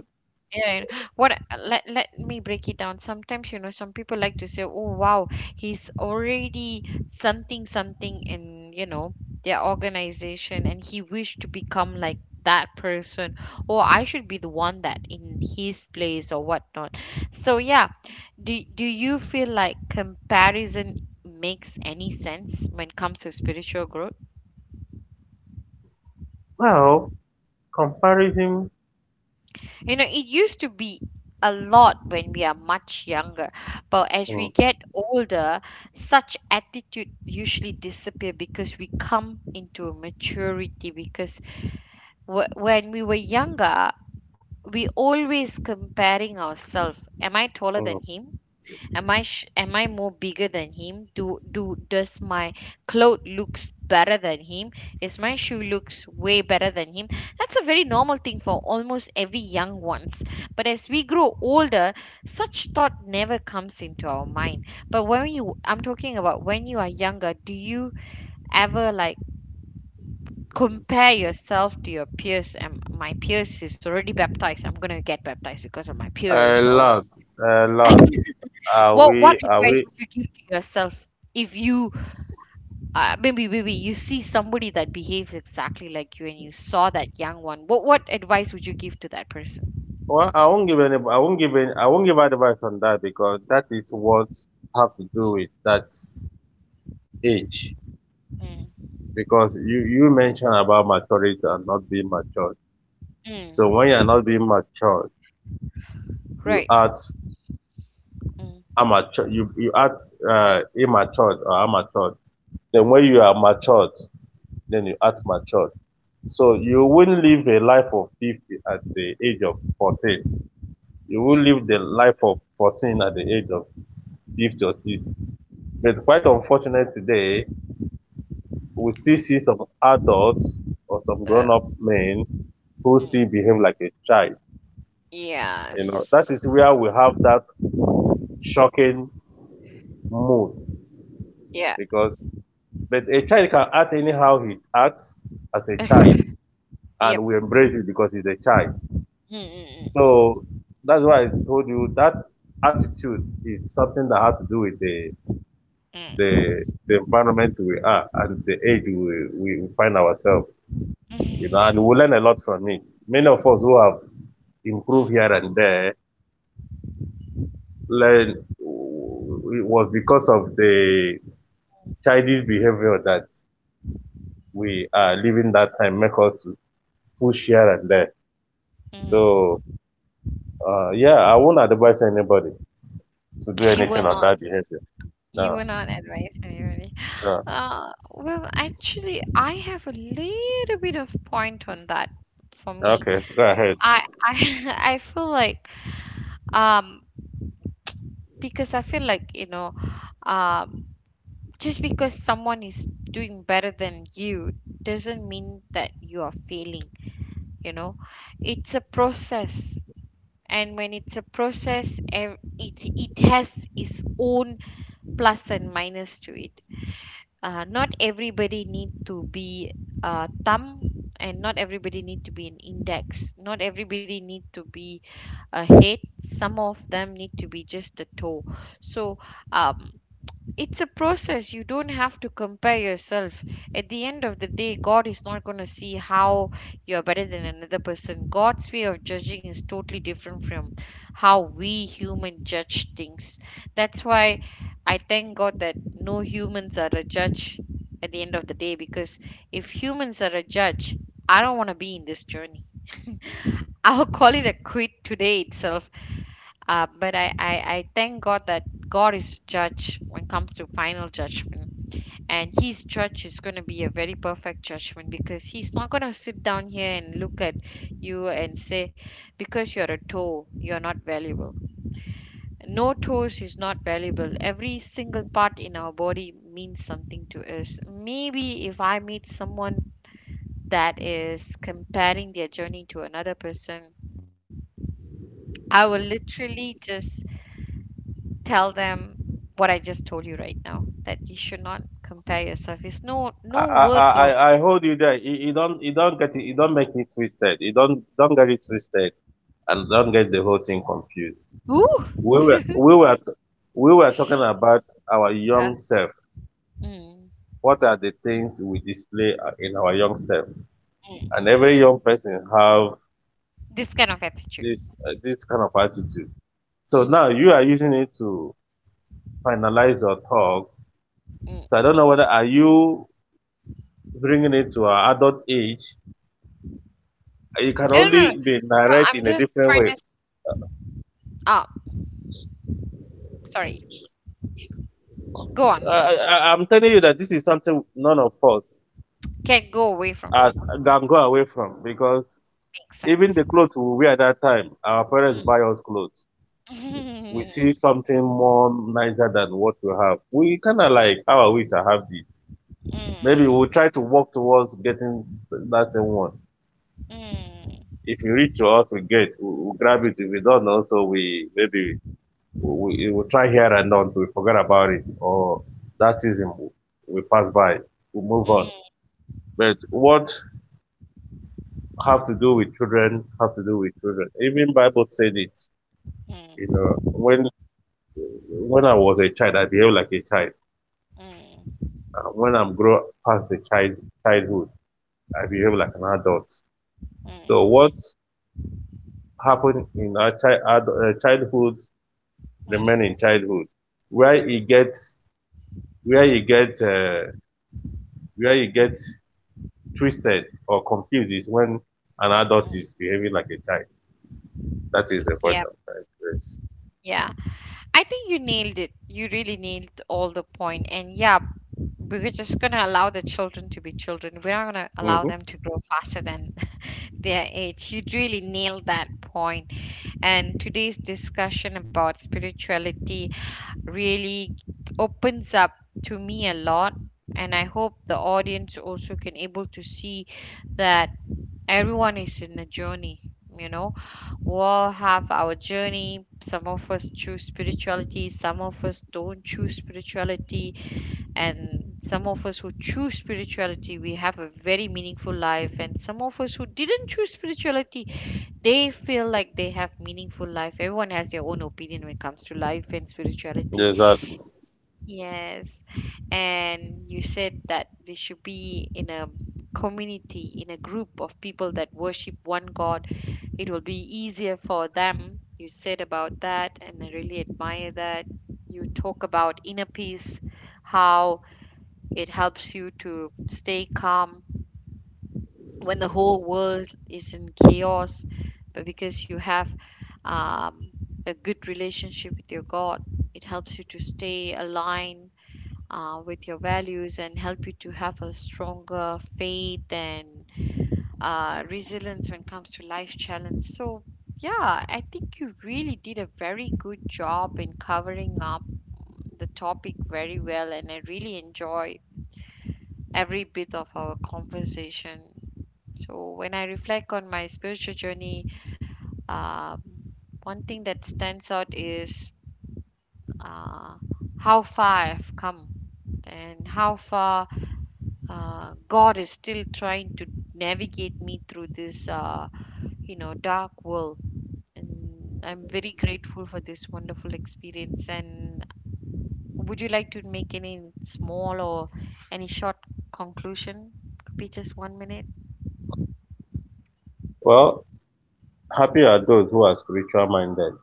Yeah, what let me break it down. Sometimes, you know, some people like to say, "Oh, wow, he's already something something in, you know, their organization and he wished to become like that person, or I should be the one that in his place or whatnot." So, yeah, do you feel like comparison makes any sense when it comes to spiritual growth? Well, comparison, You know, it used to be a lot when we are much younger, but as we mm, get older, such attitude usually disappear because we come into maturity. Because when we were younger, we always comparing ourselves. Am I taller mm, than him? Am I more bigger than him? Do does my clothes looks better than him? Is my shoe looks way better than him? That's a very normal thing for almost every young ones. But as we grow older, such thought never comes into our mind. But when you, I'm talking about when you are younger, do you ever like compare yourself to your peers, and my peers is already baptized, I'm going to get baptized because of my a peers, or lot, a lot. <laughs> Are what we? Are advice we? would you give to yourself if you, maybe, maybe you see somebody that behaves exactly like you and you saw that young one? What advice would you give to that person? Well, I won't give any. I won't give any. I won't give advice on that because that is what have to do Mm, with that age. mm, Because you mentioned about maturity and not being matured. So when you mm, are not being matured, you right. add Mm, amature, you act immature or amateur, then when you are matured, then you act matured. So you won't live a life of 50 at the age of 14. You will mm, live the life of 14 at the age of 50 or 60. But quite unfortunate today, we still see some adults or some uh, grown-up men who still mm, behave like a child. You know, that yes. is where we have that shocking mood. Yeah. Because, but a child can act anyhow he acts as a child, <laughs> and Yep. we embrace it because he's a child. Mm, mm, So that's why I told you that attitude is something that has to do with mm, mm, the environment we are and the age we find ourselves. You know, and mm. we learn a lot from it. Many of us who have improved Mm, here and there learn it was because of the childish behavior that we are living that time make us push here and there. mm. So yeah, I won't advise anybody to do You will anything on not. that behavior. You No, will not advise anybody. no. Well, actually, I have a little bit of point on that for me. Okay, go ahead. I <laughs> I feel like, um because I feel like, you know, um just because someone is doing better than you doesn't mean that you are failing, you know. It's a process. And when it's a process, it it has its own plus and minus to it. Not everybody need to be a thumb, and not everybody need to be an index, not everybody need to be a head, some of them need to be just a toe. So, um, it's a process. You don't have to compare yourself. At the end of the day, God is not going to see how you're better than another person. God's way of judging is totally different from how we human judge things. That's why I thank God that no humans are a judge at the end of the day, because if humans are a judge, I don't want to be in this journey. <laughs> I'll call it a quit today itself. But I thank God that God is judge when it comes to final judgment. And his judge is going to be a very perfect judgment, because he's not going to sit down here and look at you and say, because you're a toe, you're not valuable. No, toes is not valuable. Every single part in our body means something to us. Maybe if I meet someone that is comparing their journey to another person, I will literally just tell them what I just told you right now, that you should not compare yourself. It's no I, no worth of I hold you there. You don't get it. You don't make it twisted. You don't get it twisted, and don't get the whole thing confused. ooh. We were, <laughs> we were, we were talking about our Uh, young self. mm, What are the things we display in our young self? mm. And every young person have This kind of attitude. this, this kind of attitude. So Mm, now you are using it to finalize your talk. So I mm. don't know whether are you bringing it to our adult age. It can No, no, no, no. only be narrated I'm in a just different trying to. way. Oh, sorry. Go on. I'm telling you that this is something none of us Can't go away from it. can go away from because Makes even the sense. clothes we wear at that time, our parents buy us clothes. We see Mm. <laughs> something more nicer than what we have. We kind of like, how are we to have this? Maybe Mm, we'll try to work towards getting that same one. mm, If we reach to us, we get, we grab it. If we don't, also we maybe we will try here and on till we forget about it, or that season we pass by. We move on. mm, But what have to do with children have to do with children. Even Bible said it. You know, mm, when I was a child, I behaved like a child. mm, When I'm grown past the childhood, I behave like an adult. So what mm, happened in our childhood remain mm, in childhood. Where you get where you get uh, where you get twisted or confused is when an adult mm. is behaving like a child. That is the point Yeah. I'm trying Yeah. I think you nailed it. You really nailed all the point. And yeah, we're just gonna allow the children to be children. We're not gonna to allow raise. them to grow faster than <laughs> their age. You really nailed that point. And today's discussion about spirituality really opens up to me a lot. And I hope the audience also can able to see that everyone is in a journey, you know, we all have our journey. Some of us choose spirituality, some of us don't choose spirituality, and some of us who choose spirituality, we have a very meaningful life. And some of us who didn't choose spirituality, they feel like they have meaningful life. Everyone has their own opinion when it comes to life and Mm-hmm. spirituality. Exactly. Yes. And you said that we should be in a community, in a group of people that worship one God. It will be easier for them. You said about that, and I really admire that. You talk about inner peace, how it helps you to stay calm when the whole world is in chaos, but because you have, um, a good relationship with your God, it helps you to stay aligned with your values and help you to have a stronger faith and resilience when it comes to life challenge. So, yeah, I think you really did a very good job in covering up the topic very well, and I really enjoy every bit of our conversation. So, when I reflect on my spiritual journey, uh, one thing that stands out is uh, how far I've come and how far, God is still trying to navigate me through this, you know, dark world. And I'm very grateful for this wonderful experience. And would you like to make any small or any short conclusion? Could be just 1 minute. Well, happy are those who are spiritual minded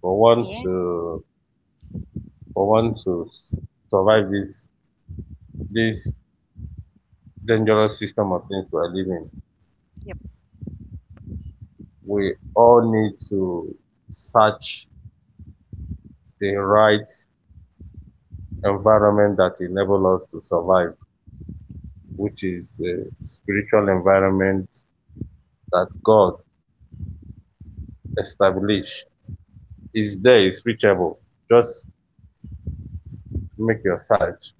for want Yeah. to for want to survive this dangerous system of things we are living. Yep. We all need to search the right environment that enable us to survive, which is the spiritual environment that God established, is there, it's reachable. Just make your search.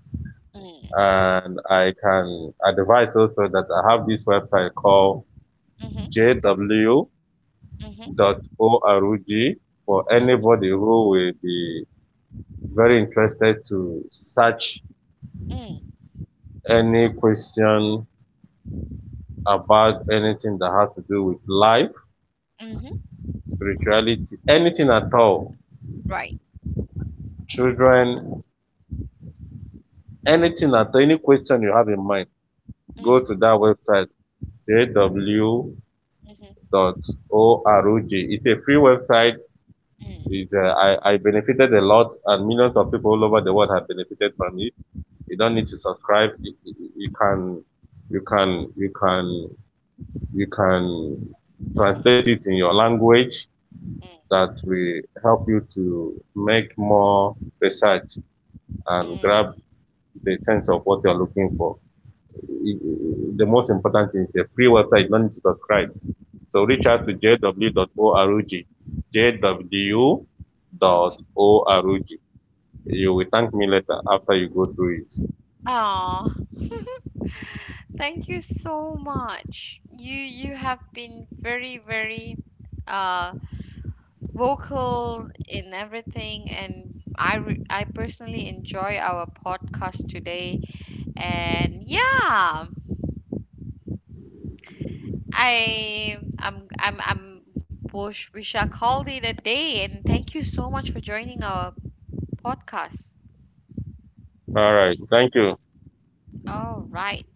Mm. And I can advise also that I have this website called Mhm. J Mhm. W dot jw.org for Mm. anybody who will be very interested to search Mm. any question about anything that has to do with life, Mhm. spirituality, anything at all, Right. children, anything at all, any question you have in mind, go Mm. to that website, Mhm. jw dot www.ecc.org. It's a free website. Mm. It's, I benefited a lot, and millions of Mm. people all over the world have benefited from it. You don't need to subscribe. Can, you can, you can, you can Mm. translate it in your language. That will help you to make more research and grab Mm. the sense of what you're looking for. The most important thing is a free website. You don't need to subscribe. So reach out Mm. to jw.org, jw.org. Mhm. You will thank me later after you go through it. Aw. Thank you so much. You have been very very uh vocal in everything and I personally enjoy our podcast today, and yeah, I I'm wish we shall call it a day, and thank you so much for joining our podcast. All right.